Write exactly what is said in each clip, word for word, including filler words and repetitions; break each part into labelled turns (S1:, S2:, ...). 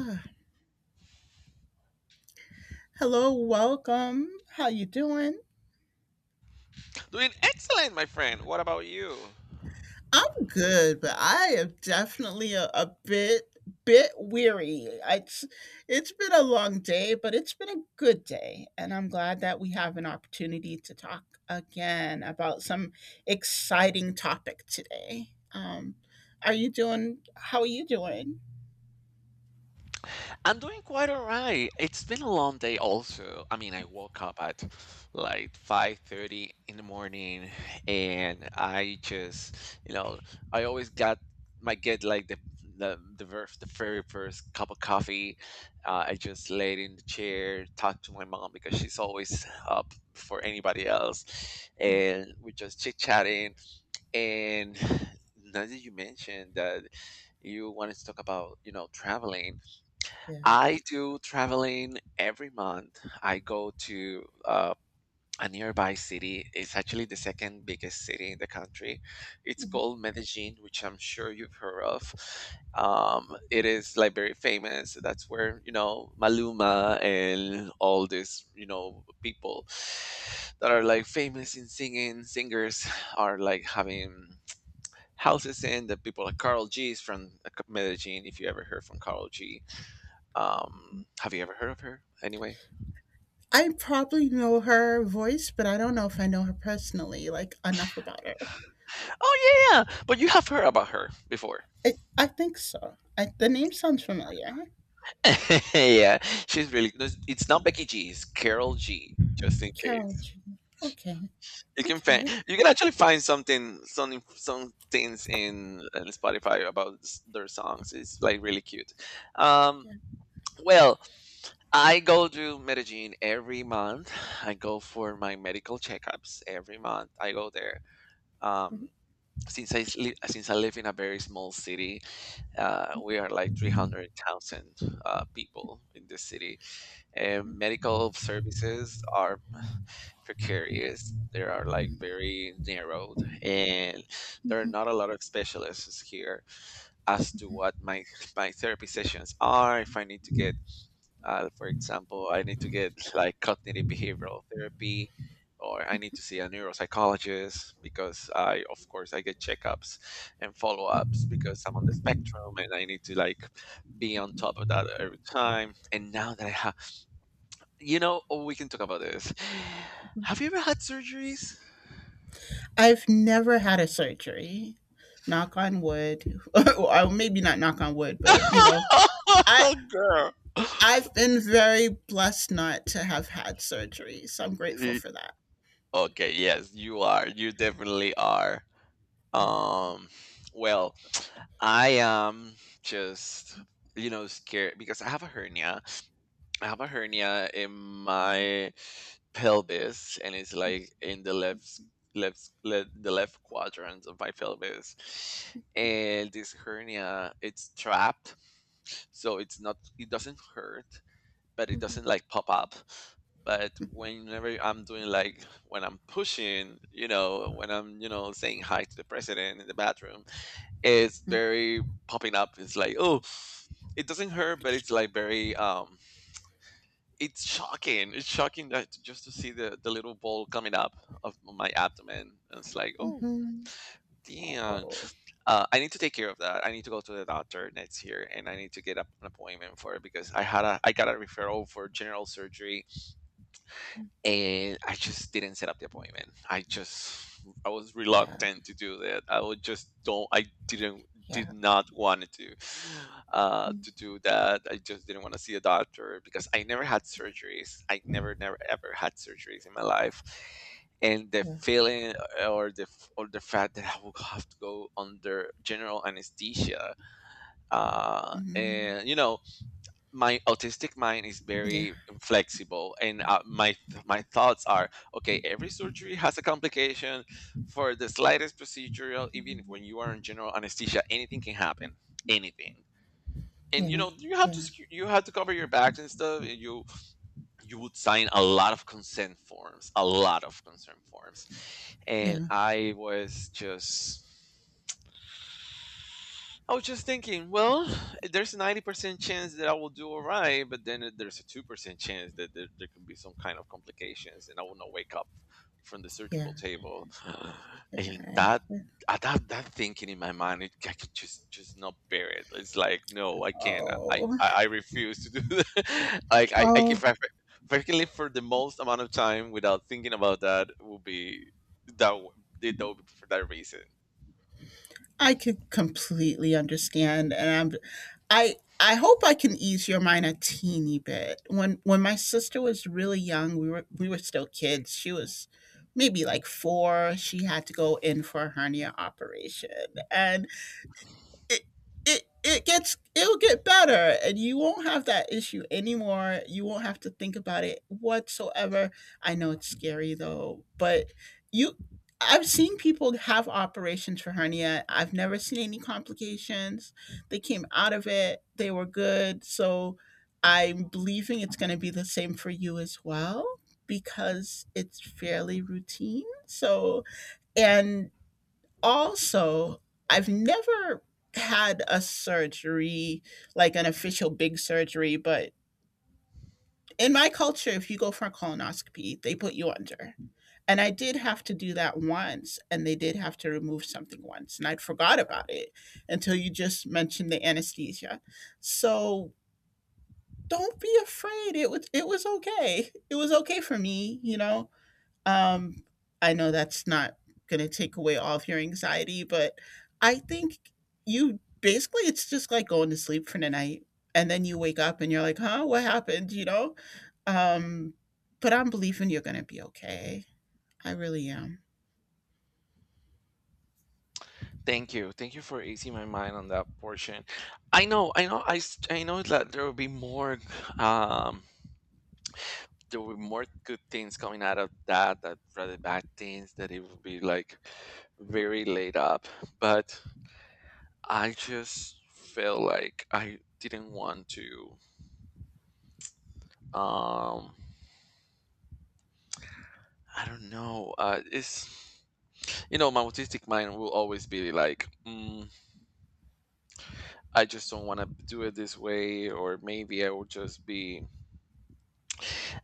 S1: Ah, Hello, welcome. How you doing?
S2: Doing excellent, my friend. What about you?
S1: I'm good, but I am definitely a, a bit bit weary. It's it's been a long day, but it's been a good day, and I'm glad that we have an opportunity to talk again about some exciting topic today. Um, are you doing? How are you doing?
S2: I'm doing quite all right. It's been a long day also. I mean, I woke up at like five thirty in the morning and I just, you know, I always got my get like the the the, ver- the very first cup of coffee. Uh, I just laid in the chair, talked to my mom because she's always up before anybody else and we're just chit-chatting. And now that you mentioned that you wanted to talk about, you know, traveling,
S1: Yeah.
S2: I do traveling every month. I go to uh, a nearby city. It's actually the second biggest city in the country. It's
S1: Mhm.
S2: called Medellin, which I'm sure you've heard of. Um, it is like very famous. That's where, you know, Maluma and all these, you know, people that are like famous in singing, singers are like having houses in the people like Carl G's from, like, Medellin. If you ever heard from Carol G, um, have you ever heard of her? Anyway,
S1: I probably know her voice, but I don't know if I know her personally, like enough about her.
S2: oh yeah, yeah, but you have heard about her before.
S1: I I think so. I, the name sounds familiar.
S2: Yeah, she's really. No, it's not Becky G. It's Carol G. Just in
S1: Carol
S2: case
S1: Jean. Okay.
S2: you can find,
S1: Okay.
S2: you can actually find something, some inf- some things in, in Spotify about s- their songs. It's like really cute. Um,
S1: Yeah.
S2: well, I go to Medellin every month. I go for my medical checkups every month. I go there.
S1: i
S2: Um, since I s- li- since I live in a very small city, uh, we are like three hundred thousand uh, people in this city, and medical services are precarious. They are like very narrowed, and there are not a lot of specialists here as to what my my therapy sessions are. If I need to get uh, for example, I need to get like cognitive behavioral therapy, or I need to see a neuropsychologist because I, of course, I get checkups and follow ups because I'm on the spectrum and I need to like be on top of that every time. And now that I have, you know, oh, we can talk about this. Have you ever had surgeries?
S1: I've never had a surgery. Knock on wood. Or maybe not knock on wood, but you know, I
S2: Girl.
S1: I've been very blessed not to have had surgery, so I'm grateful
S2: Y-
S1: for that.
S2: Okay, yes, you are. You definitely are.
S1: Yeah.
S2: Um, well, I am just, you know, scared because I have a hernia. I have a hernia in my pelvis, and it's like in the left, left, le the left quadrant of my pelvis. And this hernia, it's trapped, so it's not, it doesn't hurt, but it doesn't like pop up. But whenever I'm doing like when I'm pushing, you know, when I'm, you know, saying hi to the president in the bathroom, is
S1: Mm.
S2: very popping up. It's like, oh, it doesn't hurt, but
S1: Ouch.
S2: it's like very um it's shocking. It's shocking that just to see the, the little ball coming up of my abdomen. And it's like, oh
S1: Mhm.
S2: damn.
S1: Oh.
S2: Uh, I need to take care of that. I need to go to the doctor next year and I need to get up an appointment for it because I had a I got a referral for general surgery and I just didn't set up the appointment. I just I was
S1: Yeah.
S2: reluctant to do that. I would just don't. I didn't
S1: Yeah.
S2: did not want to uh,
S1: Mm.
S2: to do that. I just didn't want to see a doctor because I never had surgeries. I never never ever had surgeries in my life. And the
S1: Yeah.
S2: feeling or the or the fact that I would have to go under general anesthesia, uh,
S1: Mhm.
S2: and you know, my autistic mind is
S1: Yeah.
S2: very flexible and uh, my th- my thoughts are okay, every surgery has a complication for the slightest procedural, even if when you are in general anesthesia, anything can happen, anything. And you
S1: Yeah.
S2: know, you have to
S1: Yeah.
S2: scu- you have to cover your back and stuff, and you you would sign a lot of consent forms, a lot of consent forms. And
S1: Yeah.
S2: i was just I was just thinking, well, there's a ninety percent chance that I will do all right, but then it- there's a two percent chance that there, there can be some kind of complications and I will not wake up from the
S1: Yeah.
S2: surgical table. And
S1: Uh,
S2: that, uh, that, that thinking in my mind, it, I can just, just not bear it. It's like, no, I can't. I,
S1: yeah.
S2: I, I refuse to do that. Like, I, I,
S1: Oh.
S2: if I, if I can live for the most amount of time without thinking about that, it will be, that, w- that would be for that reason.
S1: I can completely understand, and I'm, I I hope I can ease your mind a teeny bit. When when my sister was really young, we were we were still kids. She was maybe like four. She had to go in for a hernia operation, and it it it gets it'll get better and you won't have that issue anymore, you won't have to think about it whatsoever. I know it's scary, though. But you, I've seen people have operations for hernia, I've never seen any complications. They came out of it, they were good. So I'm believing it's going to be the same for you as well, because it's fairly routine. So, and also, I've never had a surgery, like an official big surgery, but in my culture if you go for a colonoscopy they put you under, and I did have to do that once and they did have to remove something once, and I'd forgot about it until you just mentioned the anesthesia. So don't be afraid. It was it was okay, it was okay for me, you know. um, I know that's not going to take away all of your anxiety, but I think you basically it's just like going to sleep for the night and then you wake up and you're like, "Huh, what happened?" You know? Um, but I'm believing you're going to be okay. I really am.
S2: Thank you. Thank you for easing my mind on that portion. I know, I know, I, s- I know that there will be more, um, there will be more good things coming out of that, that rather bad things, that it will be like very laid up. But I just feel like I didn't want to, um, I don't know, uh, it's, you know, my autistic mind will always be like, mm, I just don't want to do it this way, or maybe I will just be,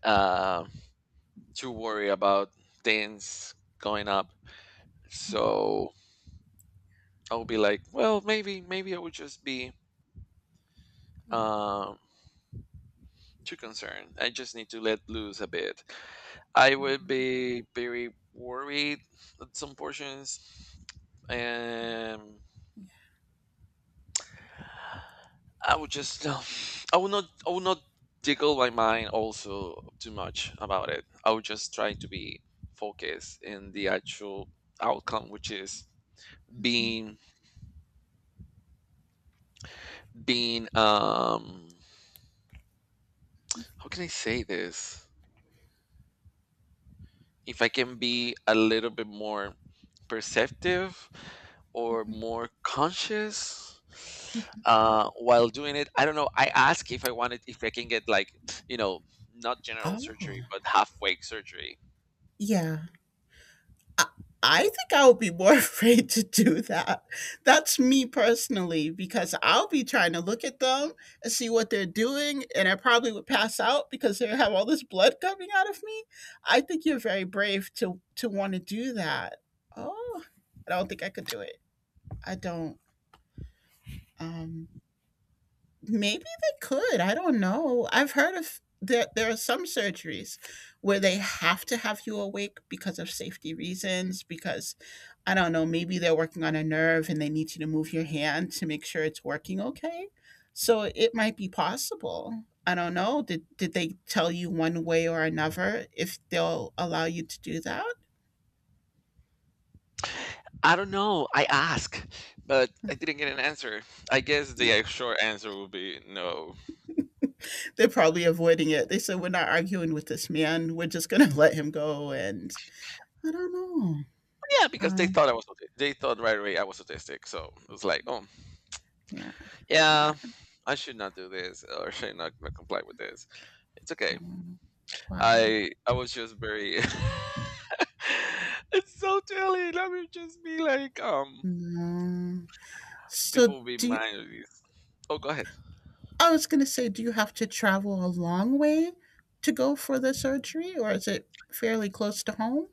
S2: um, to worry about things going up. So I would be like, well, maybe, maybe I would just be um, too concerned. I just need to let loose a bit. I would be very worried at some portions, and I would just, uh, I would not, I would not tickle my mind also too much about it. I would just try to be focused in the actual outcome, which is
S1: Mhm.
S2: being being um, how can I say this, if I can be a little bit more perceptive or more conscious uh while doing it. I don't know, I ask if I wanted if I can get like, you know, not general surgery
S1: Oh.
S2: but halfway surgery.
S1: Yeah. I I think I would be more afraid to do that. That's me personally, because I'll be trying to look at them and see what they're doing, and I probably would pass out because they have all this blood coming out of me. I think you're very brave to to want to do that. Oh, I don't think I could do it. I don't. Um, Maybe they could. I don't know. I've heard of that, there there are some surgeries where they have to have you awake because of safety reasons, because I don't know, maybe they're working on a nerve and they need you to move your hand to make sure it's working okay. So it might be possible. I don't know. Did did they tell you one way or another if they'll allow you to do that?
S2: I don't know, I ask but I didn't get an answer. I guess the short answer would be no.
S1: They're probably avoiding it. They said we're not arguing with this man. We're just gonna let him go and I don't know.
S2: Yeah, because they
S1: Um
S2: thought i was auti- they thought right away I was autistic, so it was like, oh
S1: yeah,
S2: yeah,
S1: yeah.
S2: I should not do this, or should not not comply with this. It's okay.
S1: Mm. Wow.
S2: I I was just very. It's so telling. I would just be like, um,
S1: Mm. So
S2: people will be
S1: do you,
S2: minor. This. Oh, go ahead.
S1: I was going to say, do you have to travel a long way to go for the surgery, or is it fairly close to home?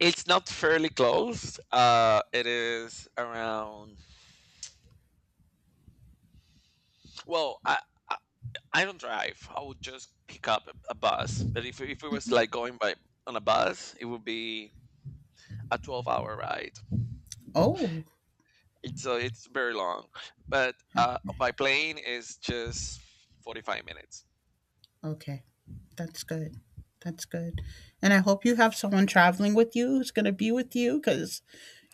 S2: It's not fairly close. Uh, it is around. Well, I I, I don't drive. I would just pick up a, a bus. But if if it was like going by on a bus, it would be a twelve hour ride.
S1: Oh,
S2: It's so it's very long, but
S1: huh.
S2: uh, by plane is just forty five minutes.
S1: Okay. That's good. That's good. And I hope you have someone traveling with you who's going to be with you because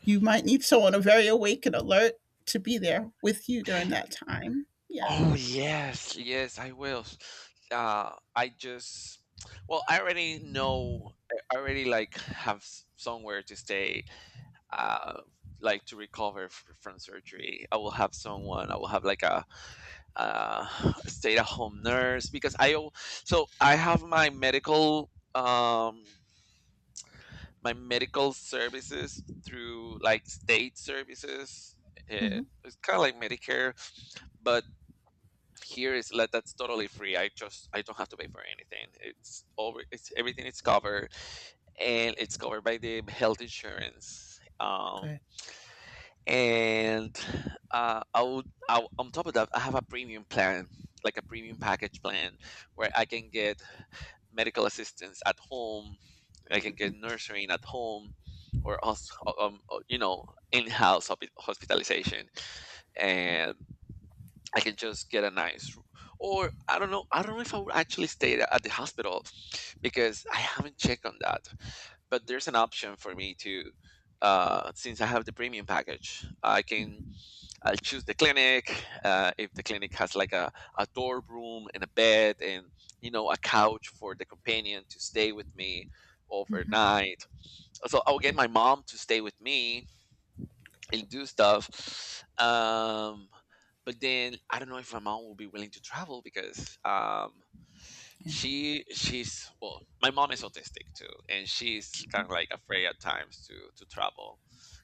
S1: you might need someone very awake and alert to be there with you during that time. Yeah.
S2: Oh yes, yes, I will. Uh, I just well, I already know. I already like have s- somewhere to stay. Uh, like to recover f- from surgery. I will have someone. I will have like a uh stay at home nurse because I al- so I have my medical um my medical services through like state services. Uh,
S1: Hmm.
S2: it's kind of like Medicare, but here is like that's totally free. I just I don't have to pay for anything. It's over. It's everything is covered, and it's covered by the health insurance. Um,
S1: Good.
S2: and uh, I would I, on top of that, I have a premium plan, like a premium package plan, where I can get medical assistance at home. I can get nursing at home, or also, um, uh, you know, in-house hospitalization, and I can just get a nice, or I don't know. I don't know if I would actually stay at at the hospital because I haven't checked on that. But there's an option for me to, uh, since I have the premium package, I can I'll choose the clinic. Uh, if the clinic has like a, a dorm room and a bed and you know a couch for the companion to stay with me
S1: Hmm.
S2: overnight, so I'll get my mom to stay with me and do stuff. Um, but then I don't know if my mom will be willing to travel because um,
S1: Yeah.
S2: she she's well my mom is autistic too and she's kind of like afraid at times to to travel.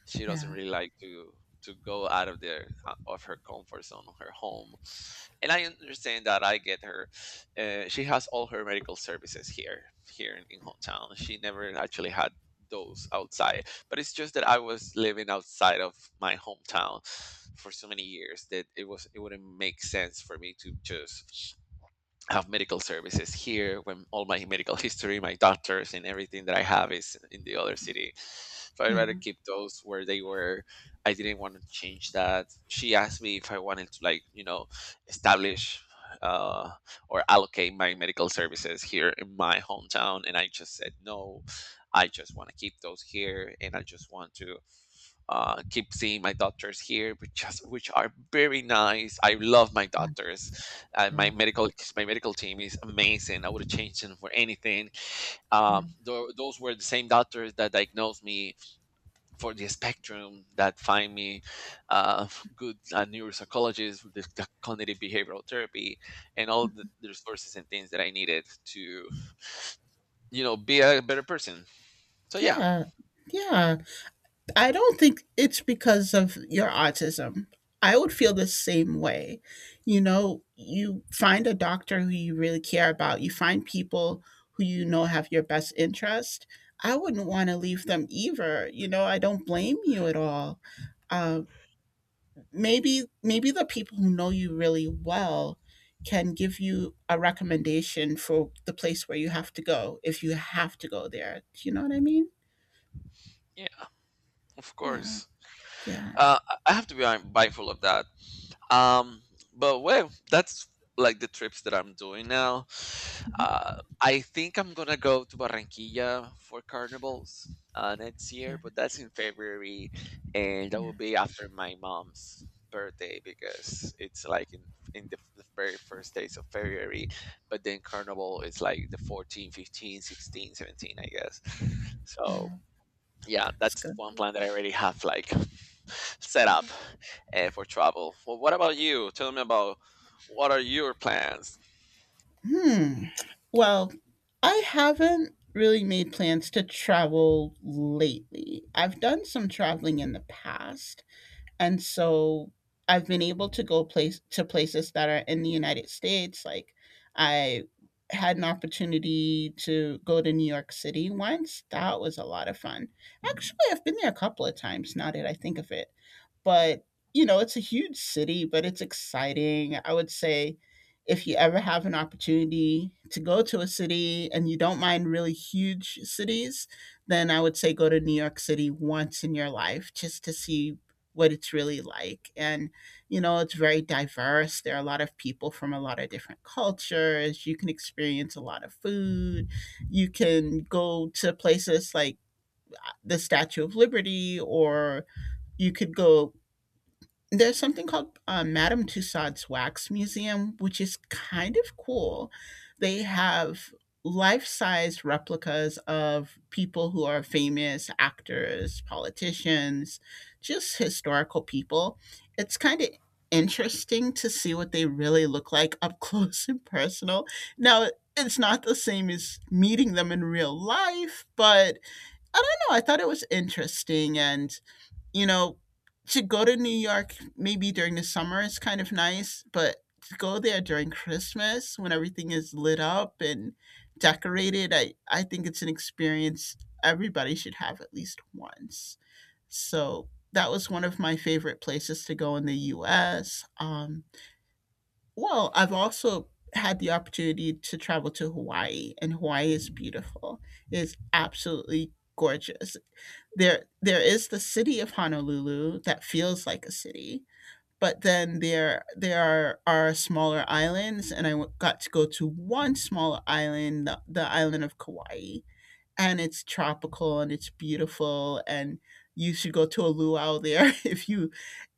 S2: She doesn't
S1: Yeah.
S2: really like to to go out of their uh, of her comfort zone of her home, and I understand that, I get her. Uh, she has all her medical services here, here in, in hometown. She never actually had those outside, but it's just that I was living outside of my hometown for so many years that it was it wouldn't make sense for me to just have medical services here when all my medical history, my doctors, and everything that I have is in the other city. So I'd
S1: Yeah.
S2: rather keep those where they were. I didn't want to change that. She asked me if I wanted to, like, you know, establish uh, or allocate my medical services here in my hometown. And I just said no. I just want to keep those here. And I just want to uh, keep seeing my doctors here, which just which are very nice. I love my doctors. Uh,
S1: Yeah.
S2: my medical my medical team is amazing. I would change them for anything.
S1: Yeah.
S2: Um, tho- those were the same doctors that diagnosed me for the spectrum, that find me uh, good uh, neuropsychologists, with the, the cognitive behavioral therapy, and all the, the resources and things that I needed to, you know, be a better person. So yeah,
S1: Yeah. Yeah. I don't think it's because of your autism. I would feel the same way. You know, you find a doctor who you really care about, you find people who you know have your best interest. I wouldn't want to leave them either. You know, I don't blame you at all. Uh, maybe maybe the people who know you really well can give you a recommendation for the place where you have to go if you have to go there. Do you know what I mean?
S2: yeah, of
S1: Yeah.
S2: course.
S1: Yeah.
S2: Uh, I I have to be uh, mindful of that. Um, but well, that's like the trips that I'm doing now.
S1: Mhm.
S2: Uh, I think I'm gonna go to Barranquilla for carnivals uh, next
S1: Yeah.
S2: year, but that's in February, and that
S1: Yeah.
S2: will be after my mom's birthday because it's like in in the, the very first days of February, but then carnival is like the fourteen, fifteen, sixteen, seventeen, I guess. So
S1: Yeah.
S2: yeah,
S1: That's
S2: that's
S1: good.
S2: one plan that I already have, like, set up
S1: Wow.
S2: uh, for travel. Well, what about you? Tell me about, what are your plans?
S1: Hmm. Well, I haven't really made plans to travel lately. I've done some traveling in the past, and so I've been able to go place to places that are in the United States. Like I had an opportunity to go to New York City once. That was a lot of fun. Actually, I've been there a couple of times now that I think of it. But, you know, it's a huge city, but it's exciting. I would say if you ever have an opportunity to go to a city and you don't mind really huge cities, then I would say go to New York City once in your life just to see what it's really like. And, you know, it's very diverse. There are a lot of people from a lot of different cultures. You can experience a lot of food. You can go to places like uh, the Statue of Liberty, or you could go, there's something called uh, Madame Tussauds Wax Museum, which is kind of cool. They have life size replicas of people who are famous actors, politicians, just historical people. It's kind of interesting to see what they really look like up close and personal. Now, it's not the same as meeting them in real life, but I don't know. I thought it was interesting and you know, to go to New York maybe during the summer is kind of nice, but to go there during Christmas when everything is lit up and decorated, I, I think it's an experience everybody should have at least once. So that was one of my favorite places to go in the U S. Um, well, I've also had the opportunity to travel to Hawaii, and Hawaii is beautiful. It's absolutely gorgeous. There there is the city of Honolulu that feels like a city, but then there there are, are smaller islands, and I w- got to go to one small island, the, the island of Kauai, and it's tropical and it's beautiful, and you should go to a luau there if you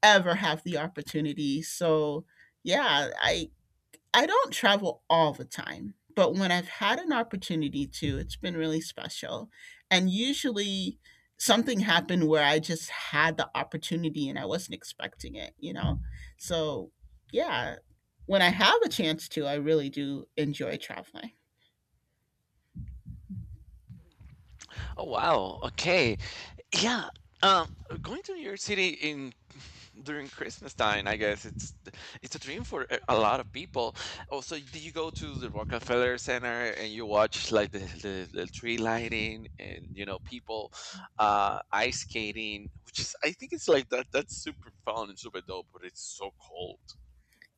S1: ever have the opportunity. So yeah, I I don't travel all the time, but when I've had an opportunity to, it's been really special. And usually something happened where I just had the opportunity and I wasn't expecting it, you know? So, yeah, when I have a chance to, I really do enjoy traveling.
S2: Oh wow. Okay. Yeah. Um, Going to New York City in during Christmas time, I guess it's it's a dream for a a lot of people. Also, do you go to the Rockefeller Center and you watch, like, the, the, the tree lighting, and you know, people uh, ice skating, which is, I think it's like that, that's super fun and super dope, but it's so cold.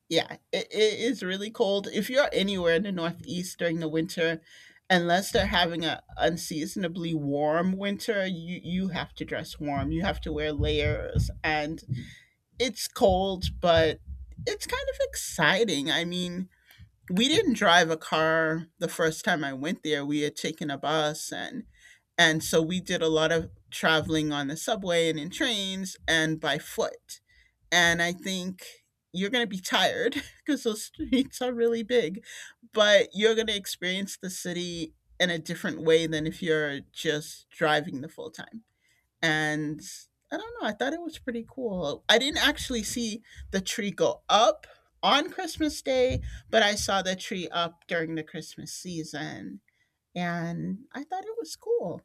S1: Yeah, it, it is really cold. If you're anywhere in the Northeast during the winter, unless they're having a unseasonably warm winter, you, you have to dress warm. You have to wear layers and it's cold, but it's kind of exciting. I mean, we didn't drive a car the first time I went there. We had taken a bus and and so we did a lot of traveling on the subway and in trains and by foot. And I think you're going to be tired because those streets are really big, but you're going to experience the city in a different way than if you're just driving the full time. And I don't know, I thought it was pretty cool. I didn't actually see the tree go up on Christmas Day, but I saw the tree up during the Christmas season and I thought it was cool.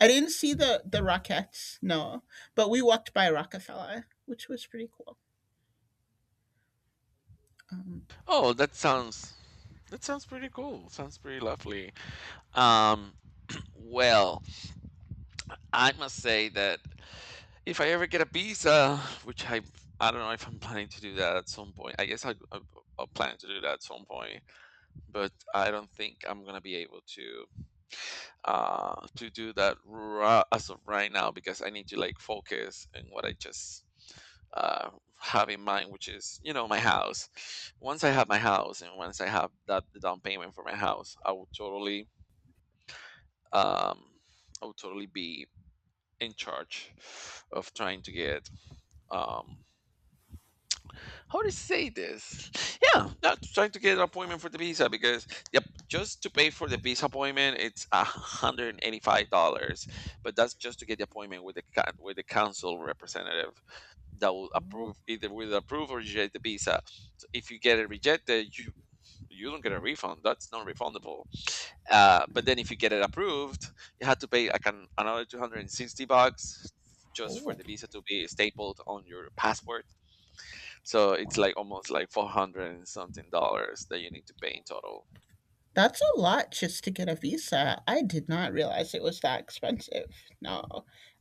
S1: I didn't see the the Rockettes, no, but we walked by Rockefeller, which was pretty cool.
S2: Oh, that sounds, that sounds pretty cool. Sounds pretty lovely. Um, well, I must say that. If I ever get a visa, which I I don't know if I'm planning to do that at some point. I guess I, I, I'll plan to do that at some point, but I don't think I'm gonna be able to uh to do that ra- as of right now, because I need to, like, focus on what I just uh have in mind, which is, you know, my house. Once I have my house, and once I have that, the down payment for my house, I will totally um I will totally be in charge of trying to get um how to say this? Yeah, not trying to get an appointment for the visa, because yep, just to pay for the visa appointment, it's a hundred and eighty-five dollars. But that's just to get the appointment with the coun- with the council representative that will approve, either will approve or reject the visa. So if you get it rejected, you you don't get a refund. That's non-refundable. Uh, but then if you get it approved, you have to pay like an, another two hundred and sixty bucks just for the visa to be stapled on your passport. So it's like almost like four hundred and something dollars that you need to pay in total.
S1: That's a lot just to get a visa. I did not realize it was that expensive. No,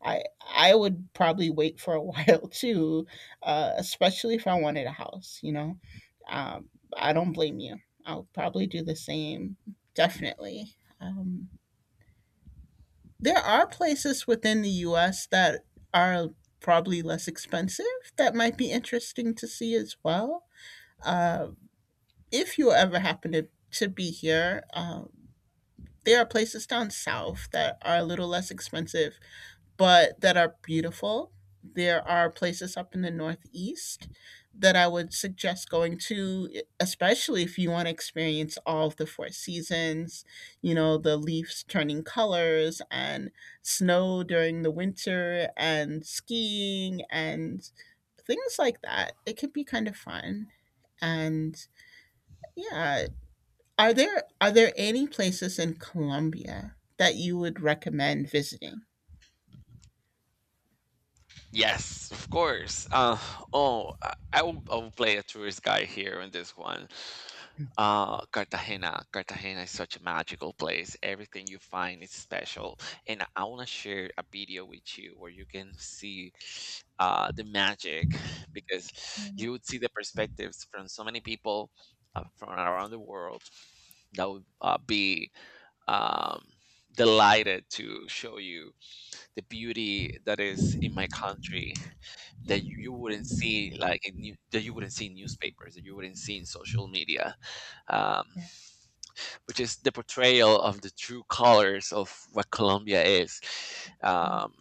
S1: I I would probably wait for a while too, uh, especially if I wanted a house. You know, um, I don't blame you. I'll probably do the same. Definitely. Um, there are places within the U S that are probably less expensive that might be interesting to see as well. Uh, if you ever happen to to be here. Um, there are places down south that are a little less expensive, but that are beautiful. There are places up in the Northeast that I would suggest going to, e- especially if you want to experience all of the four seasons, you know, the leaves turning colors and snow during the winter and skiing and things like that. It can be kind of fun. And yeah, are there are there any places in Colombia that you would recommend visiting?
S2: Yes, of course. Uh, oh, I I will, I will play a tourist guy here in this one. Uh, Cartagena. Cartagena is such a magical place. Everything you find is special, and I want to share a video with you where you can see uh, the magic, because you would see the perspectives from so many people uh, from around the world that would uh, be um, delighted to show you the beauty that is in my country, that you, you wouldn't see like in new, that you wouldn't see in newspapers, that you wouldn't see in social media, um,
S1: Yeah.
S2: which is the portrayal of the true colors of what Colombia is. um,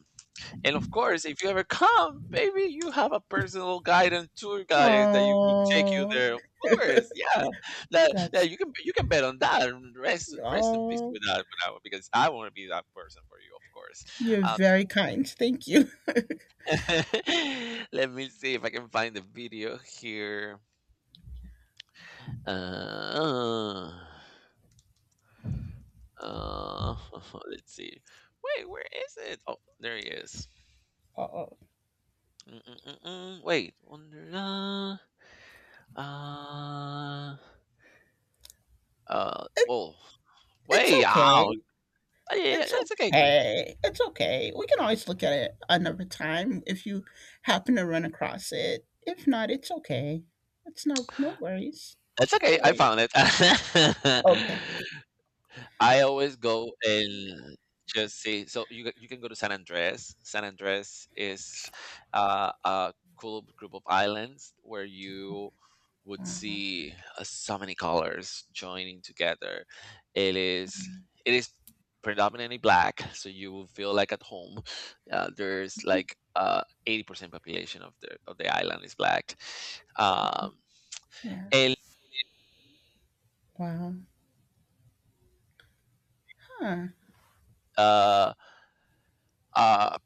S2: and of course, if you ever come, maybe you have a personal guide and tour guide that you will take you
S1: Oh,
S2: there. Of course, yeah. That, that
S1: that's
S2: you can, you can bet on that. And Rest rest in peace
S1: oh,
S2: with that, with that one, because I want to be that person for you, of course.
S1: you're
S2: Um,
S1: very kind. Thank you.
S2: Let me see if I can find the video here. Uh, uh, let's see. Wait, where is it? Oh, there he is.
S1: Oh,
S2: Mm-mm-mm-mm. Wait, wonder. Uh, uh, Uh,
S1: it,
S2: woah.
S1: it's
S2: Way
S1: okay.
S2: out. Yeah,
S1: It's
S2: it's okay.
S1: okay. It's okay. We can always look at it another time if you happen to run across it. If not, it's okay. It's no no worries.
S2: It's
S1: No
S2: okay. I
S1: worries.
S2: found it.
S1: Okay.
S2: I always go and just see. So you ca- you can go to San Andres. San Andres is uh, a cool group of islands where you would
S1: Wow.
S2: see uh, so many colors joining together. It is it is predominantly black, so you will feel like at home. Uh, there's like uh, eighty percent population of the of the island is black. Um,
S1: Yeah.
S2: and
S1: Wow. Huh.
S2: uh, uh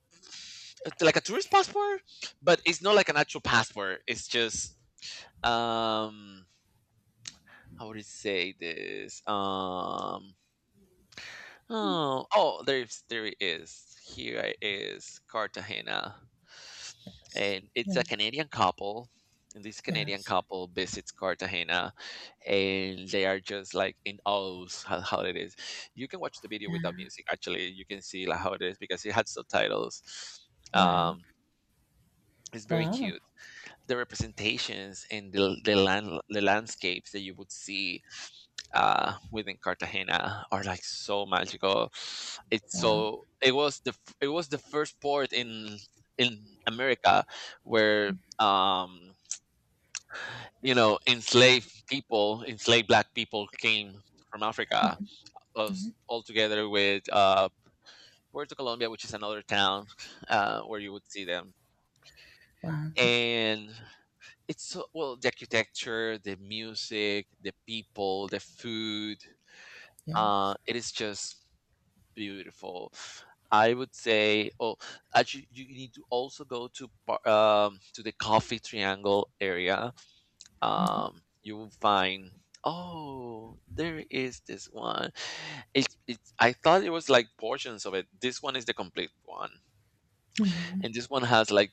S2: like a tourist passport, but it's not like an actual passport, it's just, um how would you say this? Um oh, oh there's, there it is. Here it is, Cartagena.
S1: Yes.
S2: And
S1: Yeah.
S2: it's a Canadian couple, and this Canadian
S1: Yes.
S2: couple visits Cartagena, and they are just like in awe, how, how it is. You can watch the video without
S1: Yeah.
S2: music. Actually, you can see like how it is, because it had subtitles.
S1: Wow.
S2: um It's very
S1: Wow.
S2: cute. The representations and the the land the landscapes that you would see uh, within Cartagena are like so magical. It's
S1: Wow.
S2: so, it was the f- it was the first port in in America, where um, you know, enslaved people, enslaved black people came from Africa, us all together with uh, Puerto Colombia, which is another town uh, where you would see them.
S1: Wow.
S2: And it's so, well, the architecture, the music, the people, the food, uh
S1: Yes.
S2: it is just beautiful, I would say. Oh, actually, you need to also go to par- um to the coffee triangle area. Um you will find, oh, there is this one. It's it's I thought it was like portions of it. This one is the complete one. And this one has like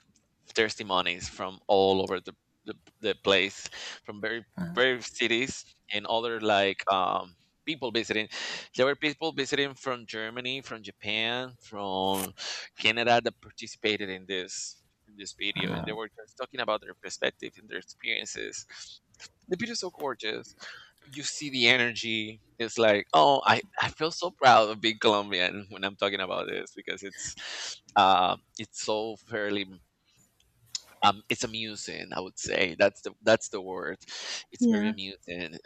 S2: thirsty monies from all over the the, the place, from very very cities, and other, like, um people visiting. There were people visiting from Germany, from Japan, from Canada, that participated in this, in this video, and they were just talking about their perspective and their experiences. The video is so gorgeous, you see the energy. It's like, oh, I, I feel so proud of being Colombian when I'm talking about this, because it's uh, it's so fairly, um, it's amusing. I would say that's the that's the word. It's very
S1: Yeah.
S2: amusing.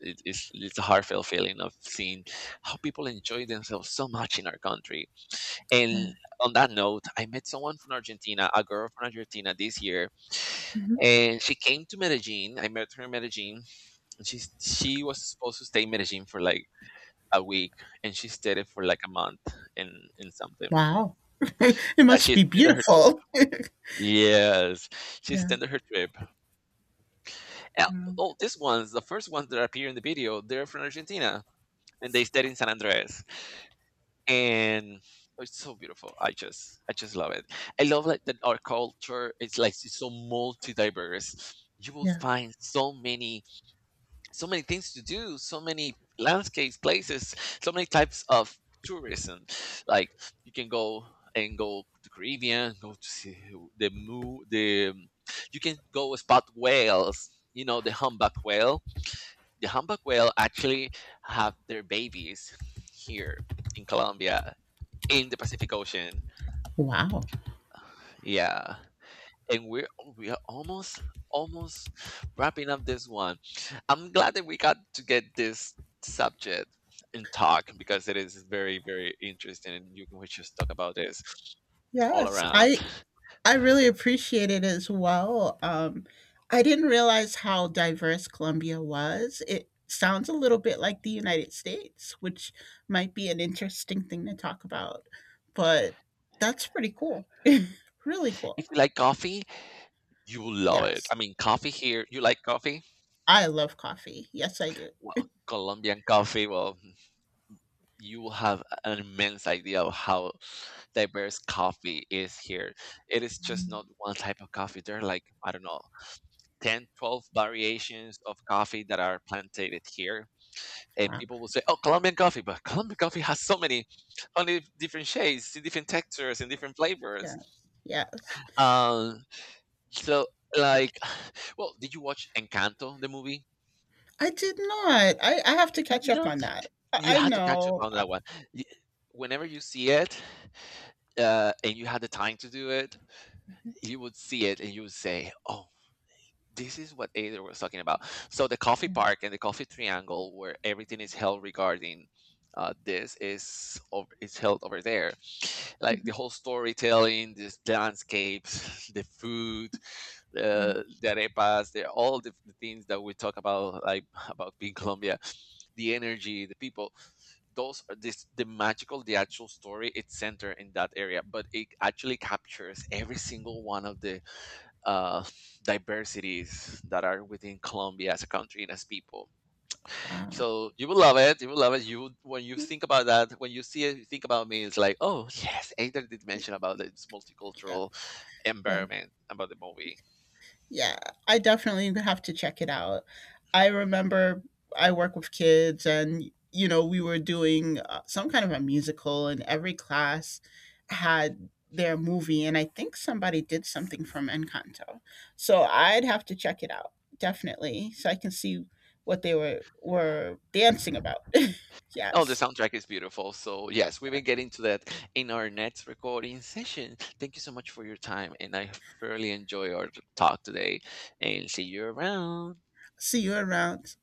S2: It, it's it's a heartfelt feeling of seeing how people enjoy themselves so much in our country.
S1: Yeah.
S2: And on that note, I met someone from Argentina, a girl from Argentina this year,
S1: Mhm.
S2: and she came to Medellin. I met her in Medellin. And she she was supposed to stay in Medellin for like a week, and she stayed it for like a month and and something.
S1: Wow. It
S2: Yeah,
S1: must
S2: she
S1: be
S2: extended her trip.
S1: beautiful.
S2: Yes, she
S1: Yeah.
S2: extended her trip. And
S1: Wow.
S2: all these ones, the first ones that appear in the video, they're from Argentina, and they stayed in San Andres, and oh, it's so beautiful. I just, I just love it. I love like that our culture is like it's so multi diverse. You will
S1: Yeah.
S2: find so many, so many things to do, so many landscapes, places, so many types of tourism. Like, you can go and go to Caribbean, go to see the moo, the um, you can go spot whales. You know the humpback whale. The humpback whale actually have their babies here in Colombia, in the Pacific Ocean.
S1: Wow.
S2: Yeah, and we're we are almost, almost wrapping up this one. I'm glad that we got to get this subject and talk, because it is very very interesting, and you can we just talk about this all
S1: Yes.
S2: around.
S1: I I really appreciate it as well. Um I didn't realize how diverse Colombia was. It sounds a little bit like the United States, which might be an interesting thing to talk about. But that's pretty cool. Really cool.
S2: If you like coffee, you will love it.
S1: Yes.
S2: I mean, coffee here, you like coffee?
S1: I love coffee. Yes, I do.
S2: Well, Colombian coffee, well, you will have an immense idea of how diverse coffee is here. It is just
S1: Mm.
S2: not one type of coffee. They're like, I don't know, ten, twelve variations of coffee that are planted here. And
S1: Wow.
S2: people will say, oh, Colombian coffee, but Colombian coffee has so many, only different shades, different textures, and different flavors.
S1: Yes, yes.
S2: Um, so, like, well, did you watch Encanto, the movie?
S1: I did not. I I have to catch up
S2: No.
S1: on that.
S2: You
S1: I I
S2: had to catch up
S1: know.
S2: on
S1: I
S2: that one. Y- Whenever you see it uh, and you had the time to do it, you would see it and you would say, oh, this is what Ada was talking about. So the coffee
S1: yeah,
S2: park and the coffee triangle, where everything is held regarding uh, this, is over, is held over there. Like
S1: mhm,
S2: the whole storytelling, the landscapes, the food,
S1: yeah,
S2: the, the arepas, the, all the, the things that we talk about, like, about being Colombia, the energy, the people. Those are this the magical, the actual story. It's centered in that area, but it actually captures every single one of the uh, diversities that are within Colombia as a country and as people.
S1: wow.
S2: So you will love it. You will love it. You would- when you
S1: Mm,
S2: think about that, when you see it, you think about me. It's like, oh yes, Ada did mention about this multicultural
S1: yes, yes.
S2: environment about the movie.
S1: Yeah, I definitely have to check it out. I remember I work with kids, and you know, we were doing uh, some kind of a musical, and every class had their movie, and I think somebody did something from Encanto. So I'd have to check it out definitely, so I can see what they were were dancing about.
S2: Oh, the
S1: Yes.
S2: soundtrack is beautiful. So yes, we
S1: Yeah.
S2: will get into that in our next recording session. Thank you so much for your time, and I thoroughly enjoy our talk today. And see you around.
S1: See you around.